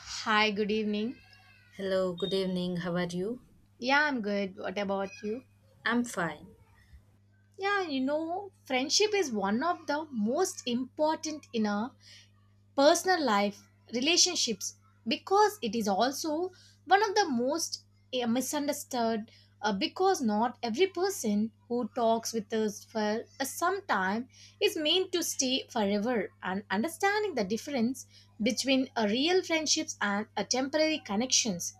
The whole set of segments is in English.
Hi, good evening. Hello, good evening. How are you? Yeah, I'm good. What about you? I'm fine. Yeah, you know, friendship is one of the most important in a personal life, relationships, because it is also one of the most misunderstood. Because not every person who talks with us for a some time is meant to stay forever, and understanding the difference between a real friendships and a temporary connections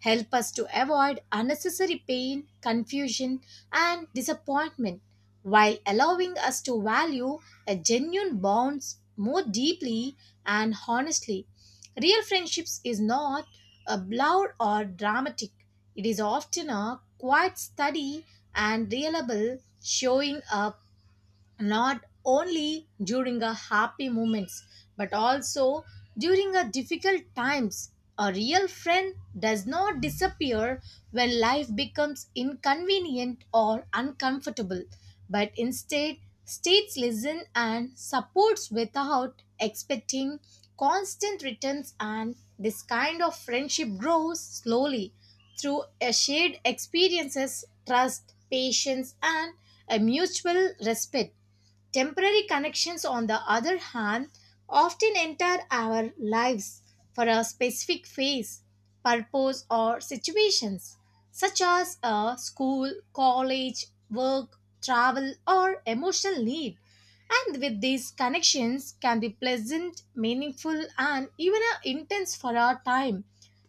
help us to avoid unnecessary pain, confusion, and disappointment while allowing us to value a genuine bonds more deeply and honestly. Real friendships is not a loud or dramatic. It is often a quiet study and reliable showing up not only during our happy moments but also during our difficult times. A real friend does not disappear when life becomes inconvenient or uncomfortable, but instead states listen and supports without expecting constant returns, and this kind of friendship grows slowly through a shared experiences, trust, patience, and a mutual respect. Temporary connections, on the other hand, often enter our lives for a specific phase, purpose, or situations, such as a school, college, work, travel, or emotional need. And with these connections, can be pleasant, meaningful, and even intense for our time.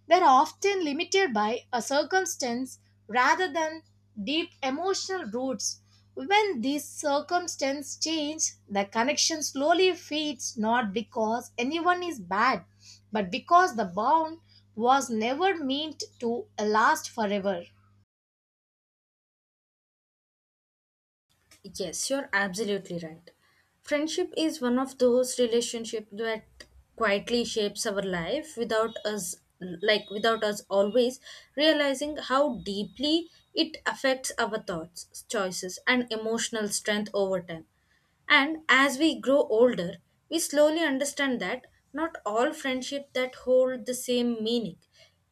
They're often limited by a circumstance rather than deep emotional roots. When these circumstances change, the connection slowly fades not because anyone is bad, but because the bond was never meant to last forever. Yes, you're absolutely right. Friendship is one of those relationships that quietly shapes our life without us always realizing how deeply it affects our thoughts, choices and emotional strength over time. And as we grow older, we slowly understand that not all friendships that hold the same meaning,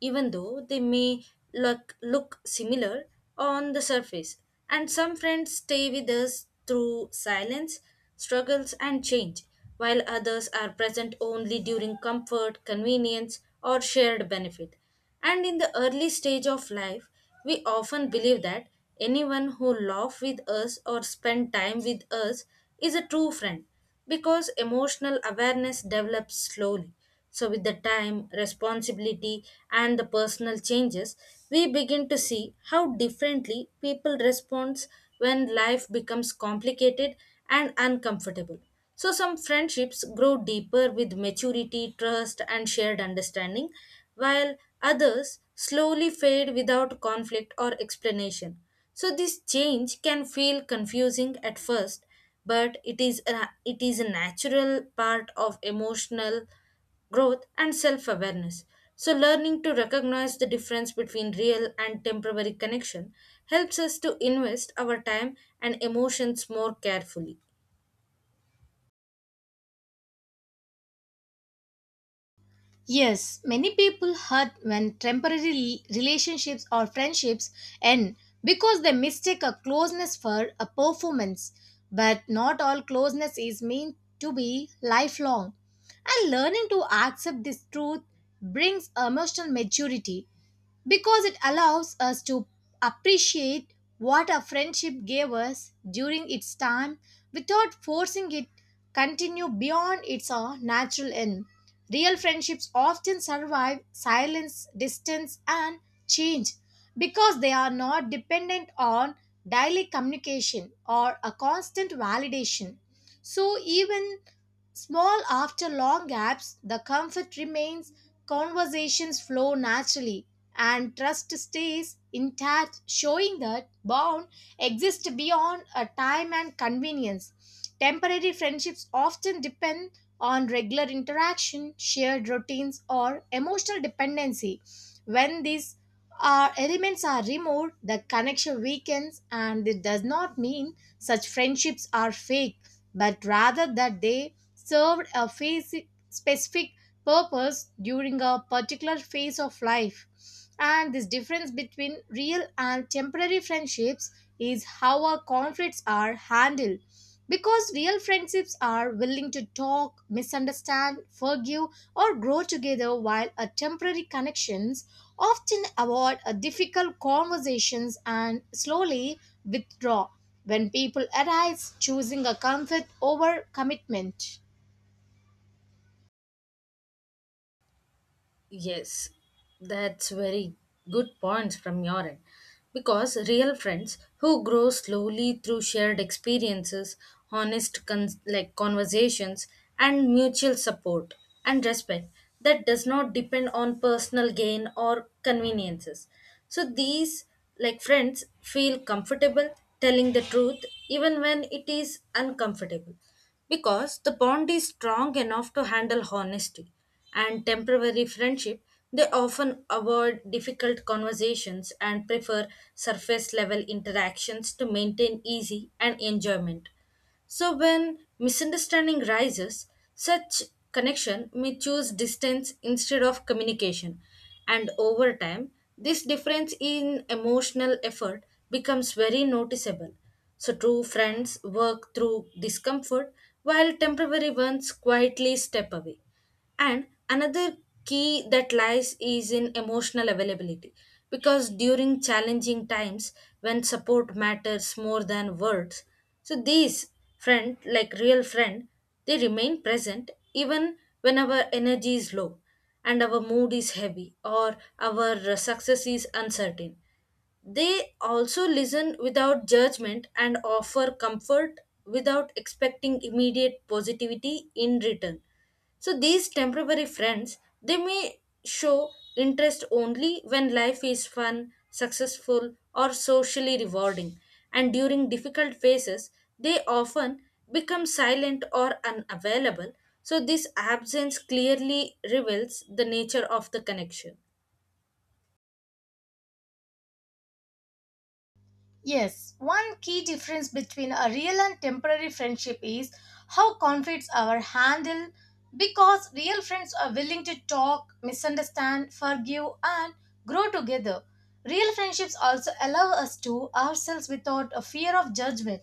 even though they may look similar on the surface. And some friends stay with us through silence, struggles, and change, while others are present only during comfort, convenience, or shared benefit. And in the early stage of life, we often believe that anyone who laughs with us or spends time with us is a true friend because emotional awareness develops slowly. So, with the time, responsibility, and the personal changes, we begin to see how differently people respond when life becomes complicated and uncomfortable. So, some friendships grow deeper with maturity, trust, and shared understanding, while others slowly fade without conflict or explanation. So, this change can feel confusing at first, but it is a natural part of emotional growth and self awareness. So, learning to recognize the difference between real and temporary connection helps us to invest our time and emotions more carefully. Yes, many people hurt when temporary relationships or friendships end because they mistake a closeness for a performance. But not all closeness is meant to be lifelong. And learning to accept this truth brings emotional maturity because it allows us to appreciate what a friendship gave us during its time without forcing it continue beyond its natural end. Real friendships often survive silence, distance, and change because they are not dependent on daily communication or a constant validation. So even small after long gaps, the comfort remains, conversations flow naturally, and trust stays intact, showing that bond exists beyond a time and convenience. Temporary friendships often depend on regular interaction, shared routines, or emotional dependency. When these elements are removed, the connection weakens, and it does not mean such friendships are fake, but rather that they served a phase- specific purpose during a particular phase of life. And this difference between real and temporary friendships is how our conflicts are handled. Because real friendships are willing to talk, misunderstand, forgive, or grow together, while a temporary connections often avoid a difficult conversations and slowly withdraw when people arise, choosing a comfort over commitment. Yes, that's very good points from your end. Because real friends who grow slowly through shared experiences, honest conversations, and mutual support and respect that does not depend on personal gain or conveniences. So these like friends feel comfortable telling the truth even when it is uncomfortable because the bond is strong enough to handle honesty, and temporary friendship they often avoid difficult conversations and prefer surface level interactions to maintain easy and enjoyment. So when misunderstanding rises, such connection may choose distance instead of communication. And over time, this difference in emotional effort becomes very noticeable. So true friends work through discomfort while temporary ones quietly step away. And another key that lies is in emotional availability, because during challenging times when support matters more than words, so these friend like real friend they remain present even when our energy is low and our mood is heavy or our success is uncertain. They also listen without judgment and offer comfort without expecting immediate positivity in return. So these temporary friends, they may show interest only when life is fun, successful, or socially rewarding. And during difficult phases, they often become silent or unavailable. So this absence clearly reveals the nature of the connection. Yes, one key difference between a real and temporary friendship is how conflicts are handled because real friends are willing to talk, misunderstand, forgive, and grow together. Real friendships also allow us to ourselves without a fear of judgment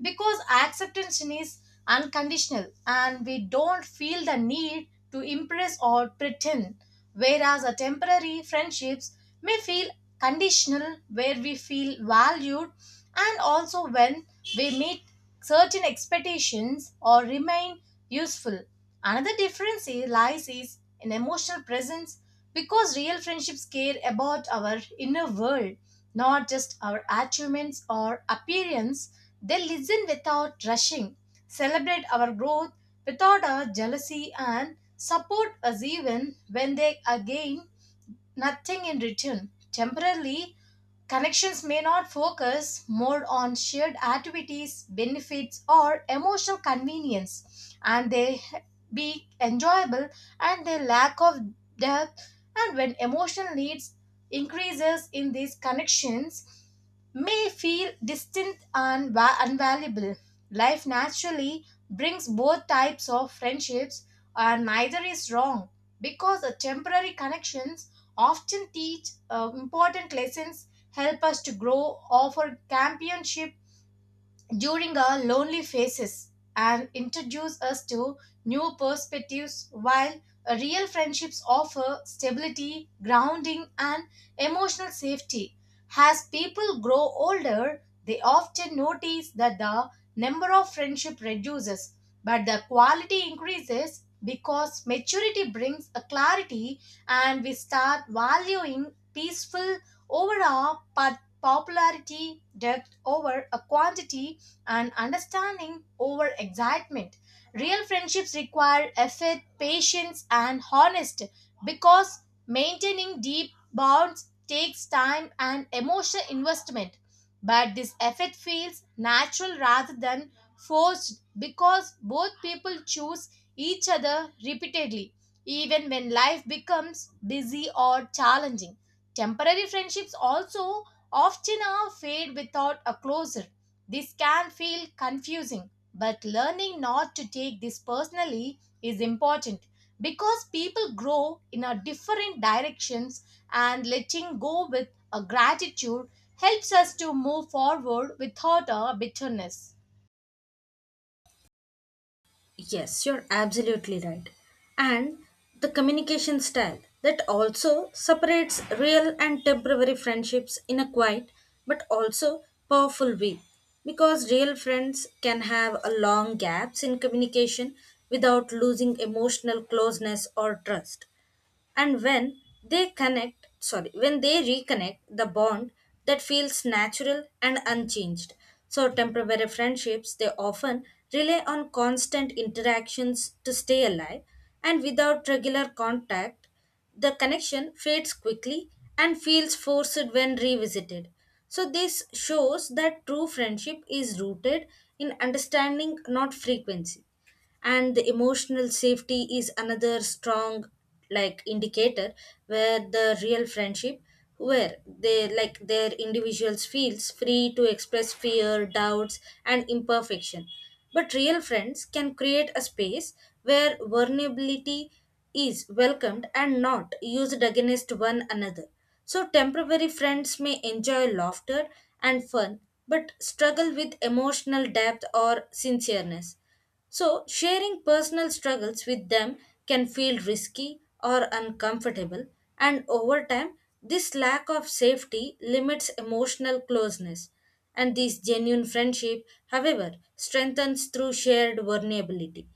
because acceptance is unconditional and we don't feel the need to impress or pretend, whereas a temporary friendships may feel conditional where we feel valued and also when we meet certain expectations or remain useful. Another difference lies is in emotional presence because real friendships care about our inner world, not just our achievements or appearance. They listen without rushing, celebrate our growth without our jealousy, and support us even when they again nothing in return. Temporarily, connections may not focus more on shared activities, benefits, or emotional convenience, and they be enjoyable and they lack of depth. And when emotional needs increases in these connections, may feel distant and unvaluable. Life naturally brings both types of friendships, and neither is wrong because the temporary connections often teach important lessons, help us to grow, offer championship during our lonely phases and introduce us to new perspectives, while real friendships offer stability, grounding, and emotional safety. As people grow older, they often notice that the number of friendship reduces, but the quality increases because maturity brings a clarity and we start valuing peaceful over our popularity, depth over a quantity, and understanding over excitement. Real friendships require effort, patience, and honesty because maintaining deep bonds takes time and emotional investment. But this effort feels natural rather than forced because both people choose each other repeatedly, even when life becomes busy or challenging. Temporary friendships also often are fade without a closure. This can feel confusing, but learning not to take this personally is important because people grow in a different directions and letting go with a gratitude helps us to move forward without a bitterness. Yes, you're absolutely right. And the communication style that also separates real and temporary friendships in a quiet but also powerful way. Because real friends can have a long gaps in communication without losing emotional closeness or trust, and when they connect sorry when they reconnect the bond that feels natural and unchanged. So temporary friendships they often rely on constant interactions to stay alive, and without regular contact the connection fades quickly and feels forced when revisited. So this shows that true friendship is rooted in understanding, not frequency, and the emotional safety is another strong like indicator where the real friendship where they like their individuals feels free to express fear, doubts and imperfection. But real friends can create a space where vulnerability is welcomed and not used against one another. So temporary friends may enjoy laughter and fun but struggle with emotional depth or sincereness. So, sharing personal struggles with them can feel risky or uncomfortable, and over time, this lack of safety limits emotional closeness. And this genuine friendship, however, strengthens through shared vulnerability.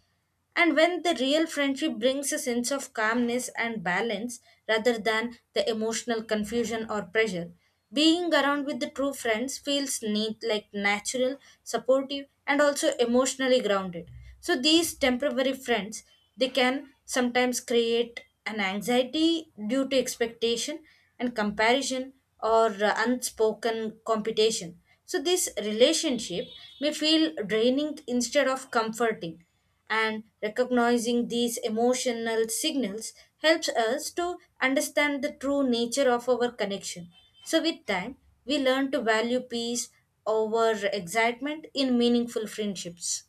And when the real friendship brings a sense of calmness and balance rather than the emotional confusion or pressure, being around with the true friends feels neat, like natural, supportive, and also emotionally grounded. So these temporary friends they can sometimes create an anxiety due to expectation and comparison or unspoken competition. So this relationship may feel draining instead of comforting, and recognizing these emotional signals helps us to understand the true nature of our connection. So, with time, we learn to value peace over excitement in meaningful friendships.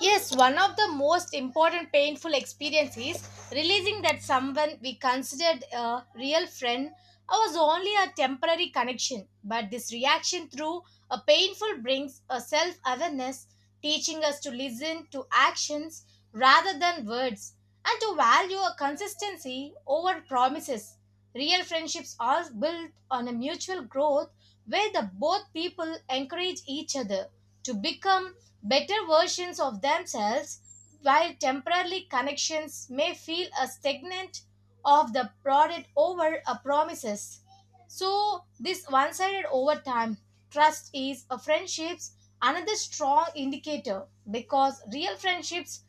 Yes, one of the most important painful experiences realizing that someone we considered a real friend was only a temporary connection. But this reaction through a painful brings a self awareness, teaching us to listen to actions rather than words and to value a consistency over promises. Real friendships are built on a mutual growth where the both people encourage each other to become better versions of themselves, while temporarily connections may feel a stagnant of the product over a promises. So this one-sided over time trust is a friendships another strong indicator because real friendships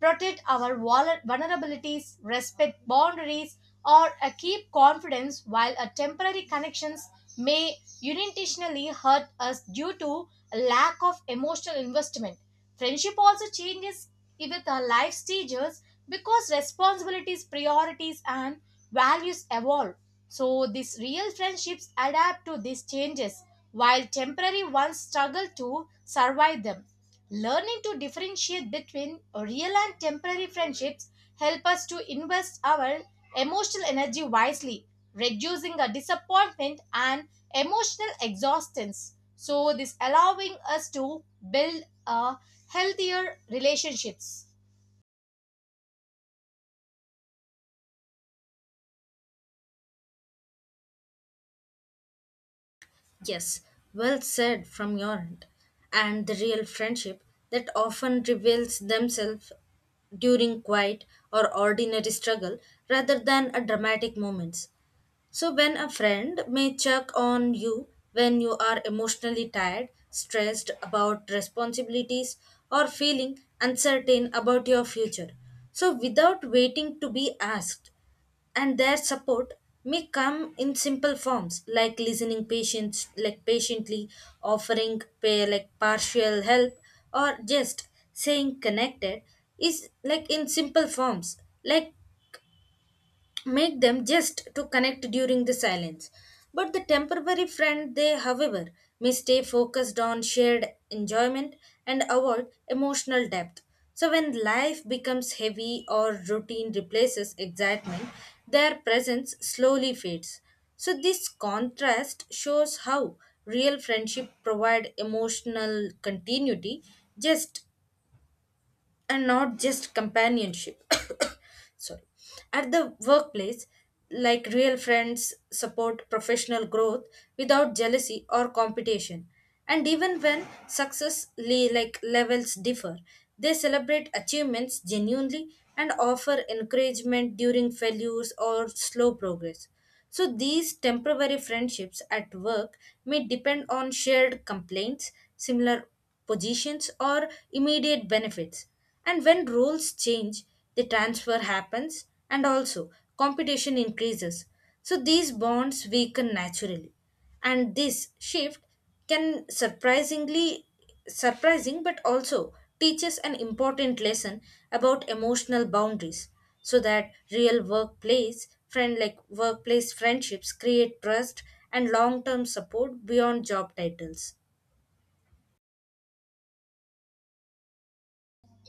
protect our vulnerabilities, respect boundaries, or keep confidence while a temporary connections may unintentionally hurt us due to a lack of emotional investment. Friendship also changes with our life stages because responsibilities, priorities, and values evolve. So these real friendships adapt to these changes while temporary ones struggle to survive them. Learning to differentiate between real and temporary friendships help us to invest our emotional energy wisely, reducing a disappointment and emotional exhaustion. So this allowing us to build a healthier relationships. Yes, well said from your end. And the real friendship that often reveals themselves during quiet or ordinary struggle rather than a dramatic moments. So, when a friend may check on you when you are emotionally tired, stressed about responsibilities, or feeling uncertain about your future. So, without waiting to be asked, and their support may come in simple forms like listening patients like patiently, offering pay like partial help, or just saying connected is like in simple forms like make them just to connect during the silence. But the temporary friend, they, however, may stay focused on shared enjoyment and avoid emotional depth. So, when life becomes heavy or routine replaces excitement, their presence slowly fades. So, this contrast shows how real friendship provide emotional continuity just and not just companionship sorry at the workplace like real friends support professional growth without jealousy or competition, and even when success levels differ they celebrate achievements genuinely and offer encouragement during failures or slow progress. So these temporary friendships at work may depend on shared complaints, similar positions, or immediate benefits. And when roles change, the transfer happens and also competition increases. So these bonds weaken naturally. And this shift can surprising but also teaches an important lesson about emotional boundaries, so that real workplace friendships create trust and long-term support beyond job titles.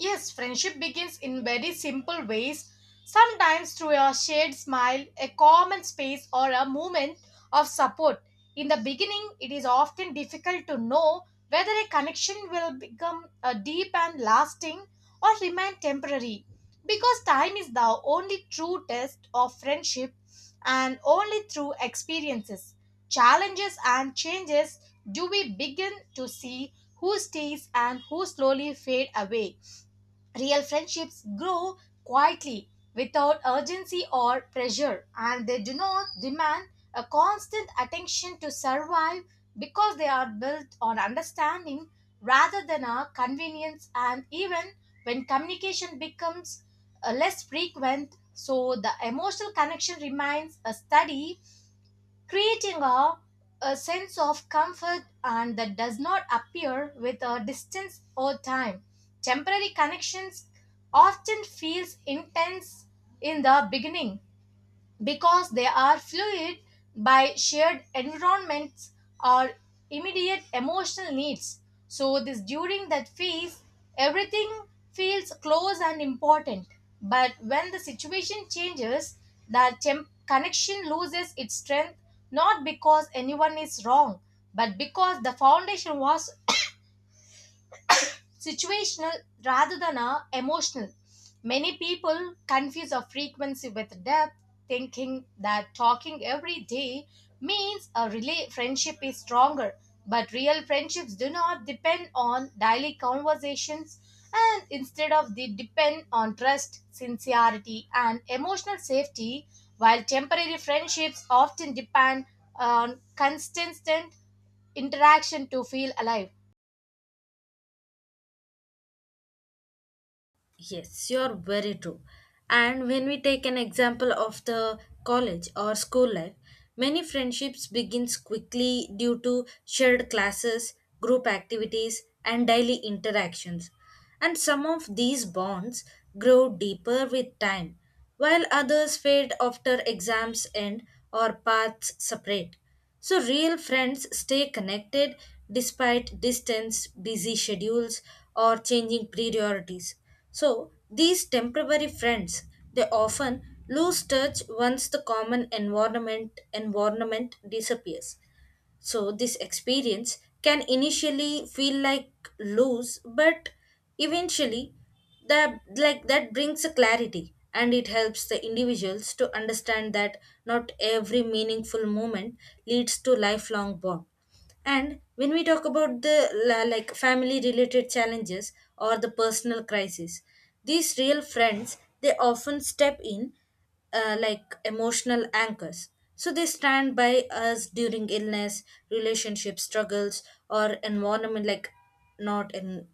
Yes, friendship begins in very simple ways, sometimes through a shared smile, a common space, or a moment of support. In the beginning, it is often difficult to know whether a connection will become a deep and lasting or remain temporary because time is the only true test of friendship, and only through experiences, challenges, and changes do we begin to see who stays and who slowly fade away. Real friendships grow quietly without urgency or pressure, and they do not demand a constant attention to survive because they are built on understanding rather than a convenience. And even when communication becomes less frequent, so the emotional connection remains a steady, creating a sense of comfort and that does not appear with a distance or time. Temporary connections often feels intense in the beginning because they are fluid by shared environments or immediate emotional needs. So, this during that phase, everything feels close and important. But when the situation changes, the connection loses its strength not because anyone is wrong, but because the foundation was situational rather than a emotional. Many people confuse a frequency with depth, thinking that talking every day means a relay friendship is stronger. But real friendships do not depend on daily conversations and instead of they depend on trust, sincerity, and emotional safety, while temporary friendships often depend on constant interaction to feel alive. Yes, you're very true. And when we take an example of the college or school life, many friendships begins quickly due to shared classes, group activities, and daily interactions. And some of these bonds grow deeper with time while others fade after exams end or paths separate. So, real friends stay connected despite distance, busy schedules, or changing priorities. So, these temporary friends they often lose touch once the common environment disappears. So, this experience can initially feel like loose, but eventually that like that brings a clarity and it helps the individuals to understand that not every meaningful moment leads to lifelong bond. And when we talk about the family related challenges or the personal crisis, these real friends they often step in like emotional anchors. So they stand by us during illness, relationship struggles, or environment like not in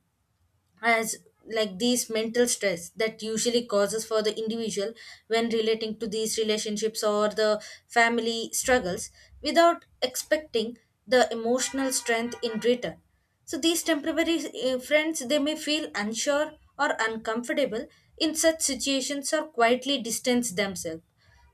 as like these mental stress that usually causes for the individual when relating to these relationships or the family struggles without expecting the emotional strength in return. So these temporary friends they may feel unsure or uncomfortable in such situations or quietly distance themselves.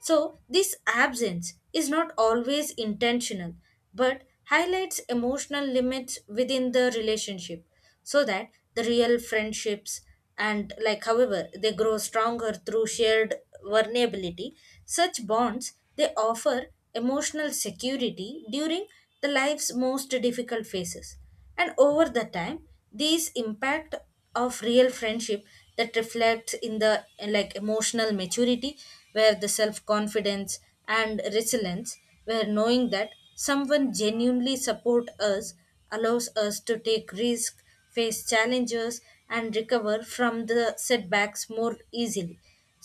So, this absence is not always intentional but highlights emotional limits within the relationship, so that the real friendships and like however they grow stronger through shared vulnerability. Such bonds they offer emotional security during the life's most difficult phases, and over the time these impact of real friendship that reflects in the like emotional maturity where the self confidence and resilience, where knowing that someone genuinely support us allows us to take risk, face challenges, and recover from the setbacks more easily.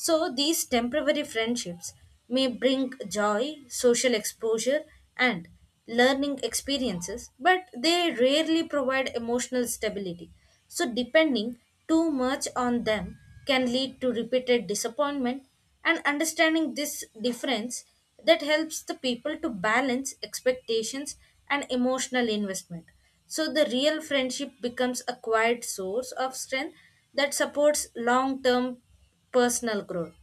So these temporary friendships may bring joy, social exposure, and learning experiences, but they rarely provide emotional stability. So, depending too much on them can lead to repeated disappointment, and understanding this difference that helps the people to balance expectations and emotional investment. So, the real friendship becomes a quiet source of strength that supports long term personal growth.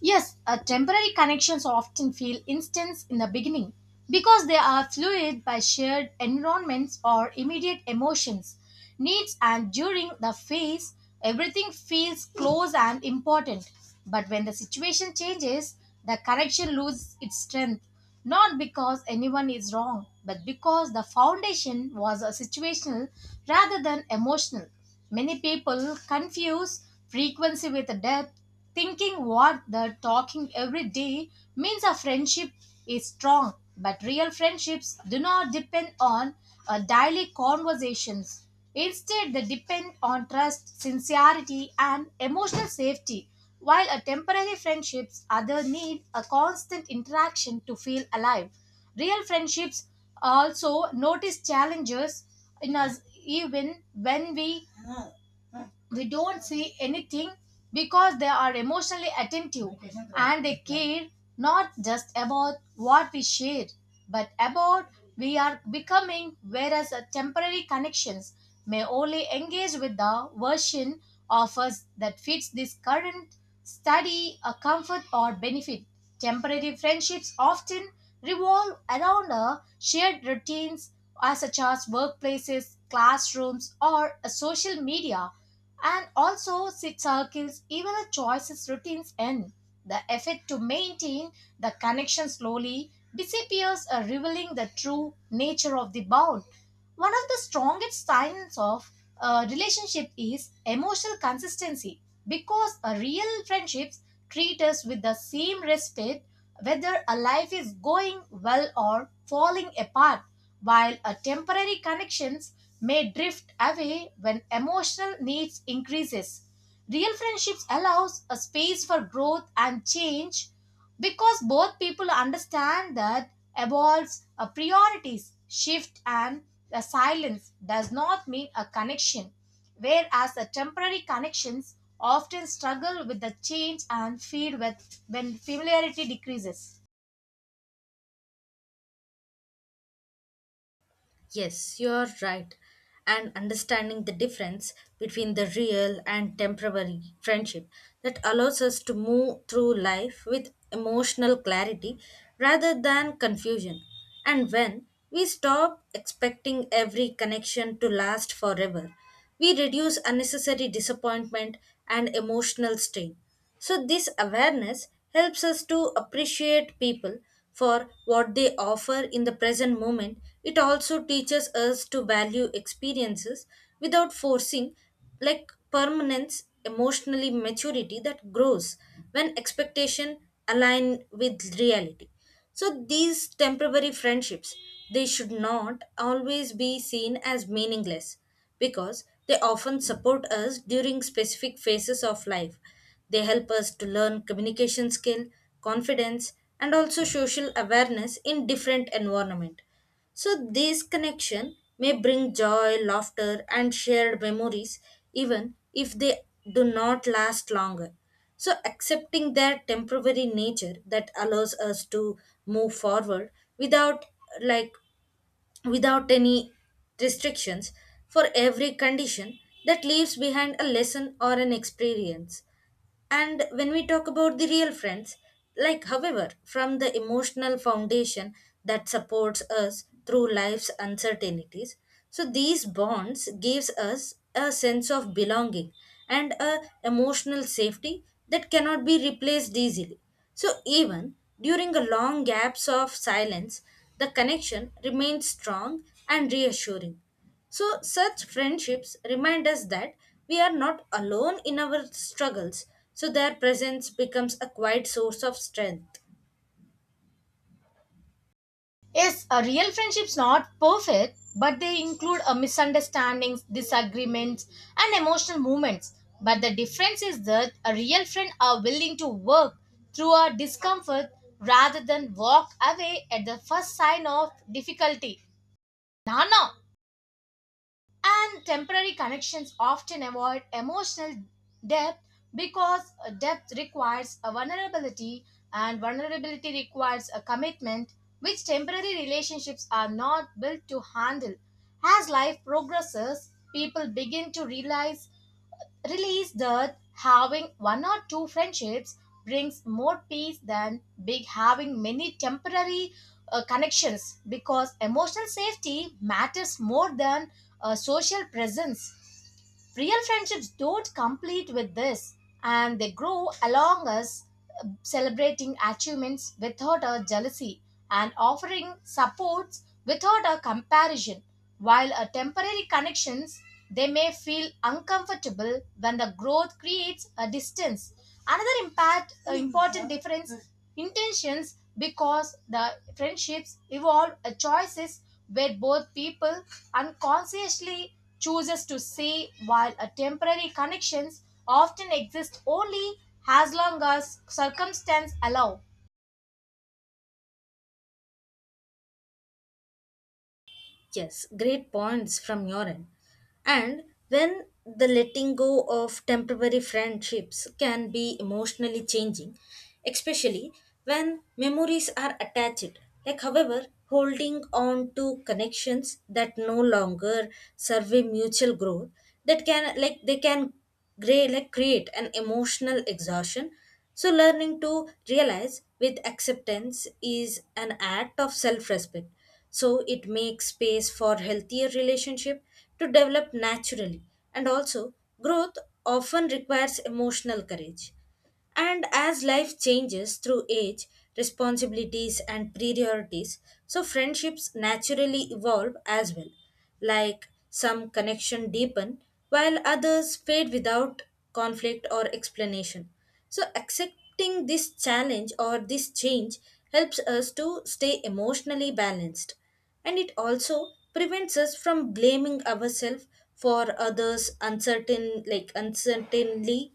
Yes, temporary connections often feel instant in the beginning because they are fluid by shared environments or immediate emotions, needs, and during the phase, everything feels close and important. But when the situation changes, the connection loses its strength not because anyone is wrong, but because the foundation was a situational rather than emotional. Many people confuse frequency with depth, thinking what the talking every day means a friendship is strong, but real friendships do not depend on daily conversations. Instead, they depend on trust, sincerity, and emotional safety, while a temporary friendships other need a constant interaction to feel alive. Real friendships also notice challenges in us even when we don't see anything because they are emotionally attentive and they care not just about what we share but about we are becoming, whereas a temporary connections may only engage with the version of us that fits this current study a comfort or benefit. Temporary friendships often revolve around a shared routines as such as workplaces, classrooms, or a social media, and also sit circles, even the choices routines end. The effort to maintain the connection slowly disappears, revealing the true nature of the bond. One of the strongest signs of a relationship is emotional consistency because a real friendships treat us with the same respect whether a life is going well or falling apart, while a temporary connections may drift away when emotional needs increases. Real friendships allows a space for growth and change because both people understand that evolves a priorities shift and a silence does not mean a connection, whereas a temporary connections often struggle with the change and feed with when familiarity decreases. Yes, you're right. And understanding the difference between the real and temporary friendship that allows us to move through life with emotional clarity rather than confusion. And when we stop expecting every connection to last forever, we reduce unnecessary disappointment and emotional strain. So, this awareness helps us to appreciate people for what they offer in the present moment. It also teaches us to value experiences without forcing, like permanence, emotionally maturity that grows when expectation align with reality. So these temporary friendships, they should not always be seen as meaningless because they often support us during specific phases of life. They help us to learn communication skill, confidence, and also social awareness in different environment. So, this connection may bring joy, laughter, and shared memories, even if they do not last longer. So, accepting their temporary nature that allows us to move forward without, like, without any restrictions for every condition that leaves behind a lesson or an experience. And when we talk about the real friends, like, however, from the emotional foundation that supports us through life's uncertainties, so these bonds gives us a sense of belonging and a emotional safety that cannot be replaced easily. So even during a long gaps of silence, the connection remains strong and reassuring. So, such friendships remind us that we are not alone in our struggles, so their presence becomes a quiet source of strength. Yes, a real friendship's not perfect, but they include a misunderstandings, disagreements, and emotional moments. But the difference is that a real friend are willing to work through our discomfort rather than walk away at the first sign of difficulty. No, no, and temporary connections often avoid emotional depth because depth requires a vulnerability and vulnerability requires a commitment, which temporary relationships are not built to handle. As life progresses, people begin to realize realize that having one or two friendships brings more peace than big having many temporary connections because emotional safety matters more than social presence. Real friendships don't complete with this, and they grow along us celebrating achievements without a jealousy and offering supports without a comparison. While a temporary connections, they may feel uncomfortable when the growth creates a distance. Another impact, important difference intentions because the friendships evolve choices where both people unconsciously chooses to say while a temporary connections often exist only as long as circumstances allow. Yes, great points from your end. And when the letting go of temporary friendships can be emotionally changing, especially when memories are attached. Like, however, holding on to connections that no longer serve a mutual growth, that can, like, they can gray, like, create an emotional exhaustion. So, learning to realize with acceptance is an act of self respect, so it makes space for healthier relationship to develop naturally, and also growth often requires emotional courage. And as life changes through age, responsibilities, and priorities, so friendships naturally evolve as well. Like some connection deepen, while others fade without conflict or explanation. So accepting this challenge or this change helps us to stay emotionally balanced. And it also prevents us from blaming ourselves for others uncertainly.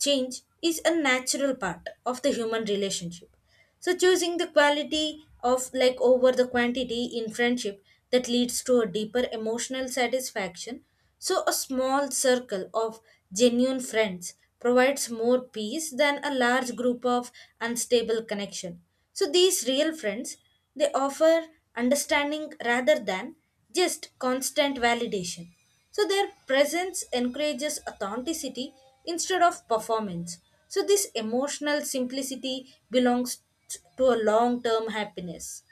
Change is a natural part of the human relationship. So choosing the quality of like over the quantity in friendship that leads to a deeper emotional satisfaction. So a small circle of genuine friends provides more peace than a large group of unstable connection. So these real friends they offer understanding rather than just constant validation. So their presence encourages authenticity instead of performance. So this emotional simplicity belongs to a long term happiness.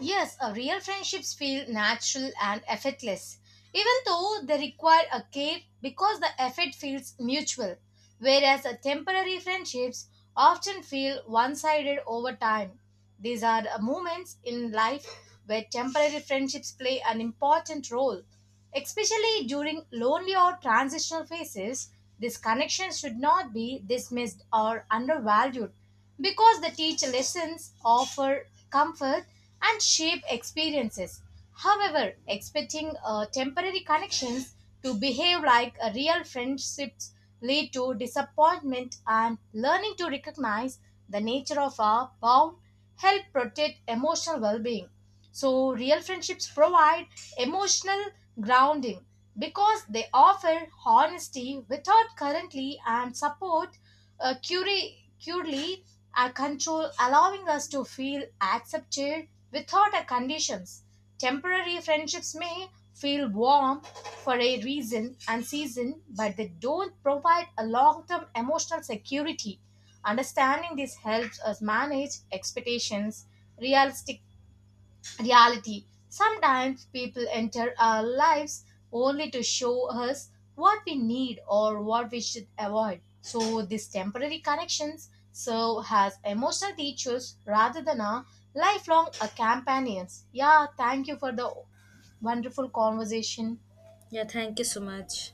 Yes, a real friendships feel natural and effortless, even though they require a care because the effort feels mutual, whereas a temporary friendships often feel one-sided over time. These are the moments in life where temporary friendships play an important role, especially during lonely or transitional phases. These connections should not be dismissed or undervalued because they teach lessons, offer comfort, and shape experiences. However, expecting temporary connections to behave like a real friendships lead to disappointment, and learning to recognize the nature of our bond help protect emotional well-being. So, real friendships provide emotional grounding because they offer honesty without currently and support curely control, allowing us to feel accepted without a conditions. Temporary friendships may feel warm for a reason and season, but they don't provide a long-term emotional security. Understanding this helps us manage expectations realistic reality. Sometimes people enter our lives only to show us what we need or what we should avoid. So these temporary connections serve as emotional teachers rather than our lifelong companions. Yeah, thank you for the wonderful conversation. Yeah, thank you so much.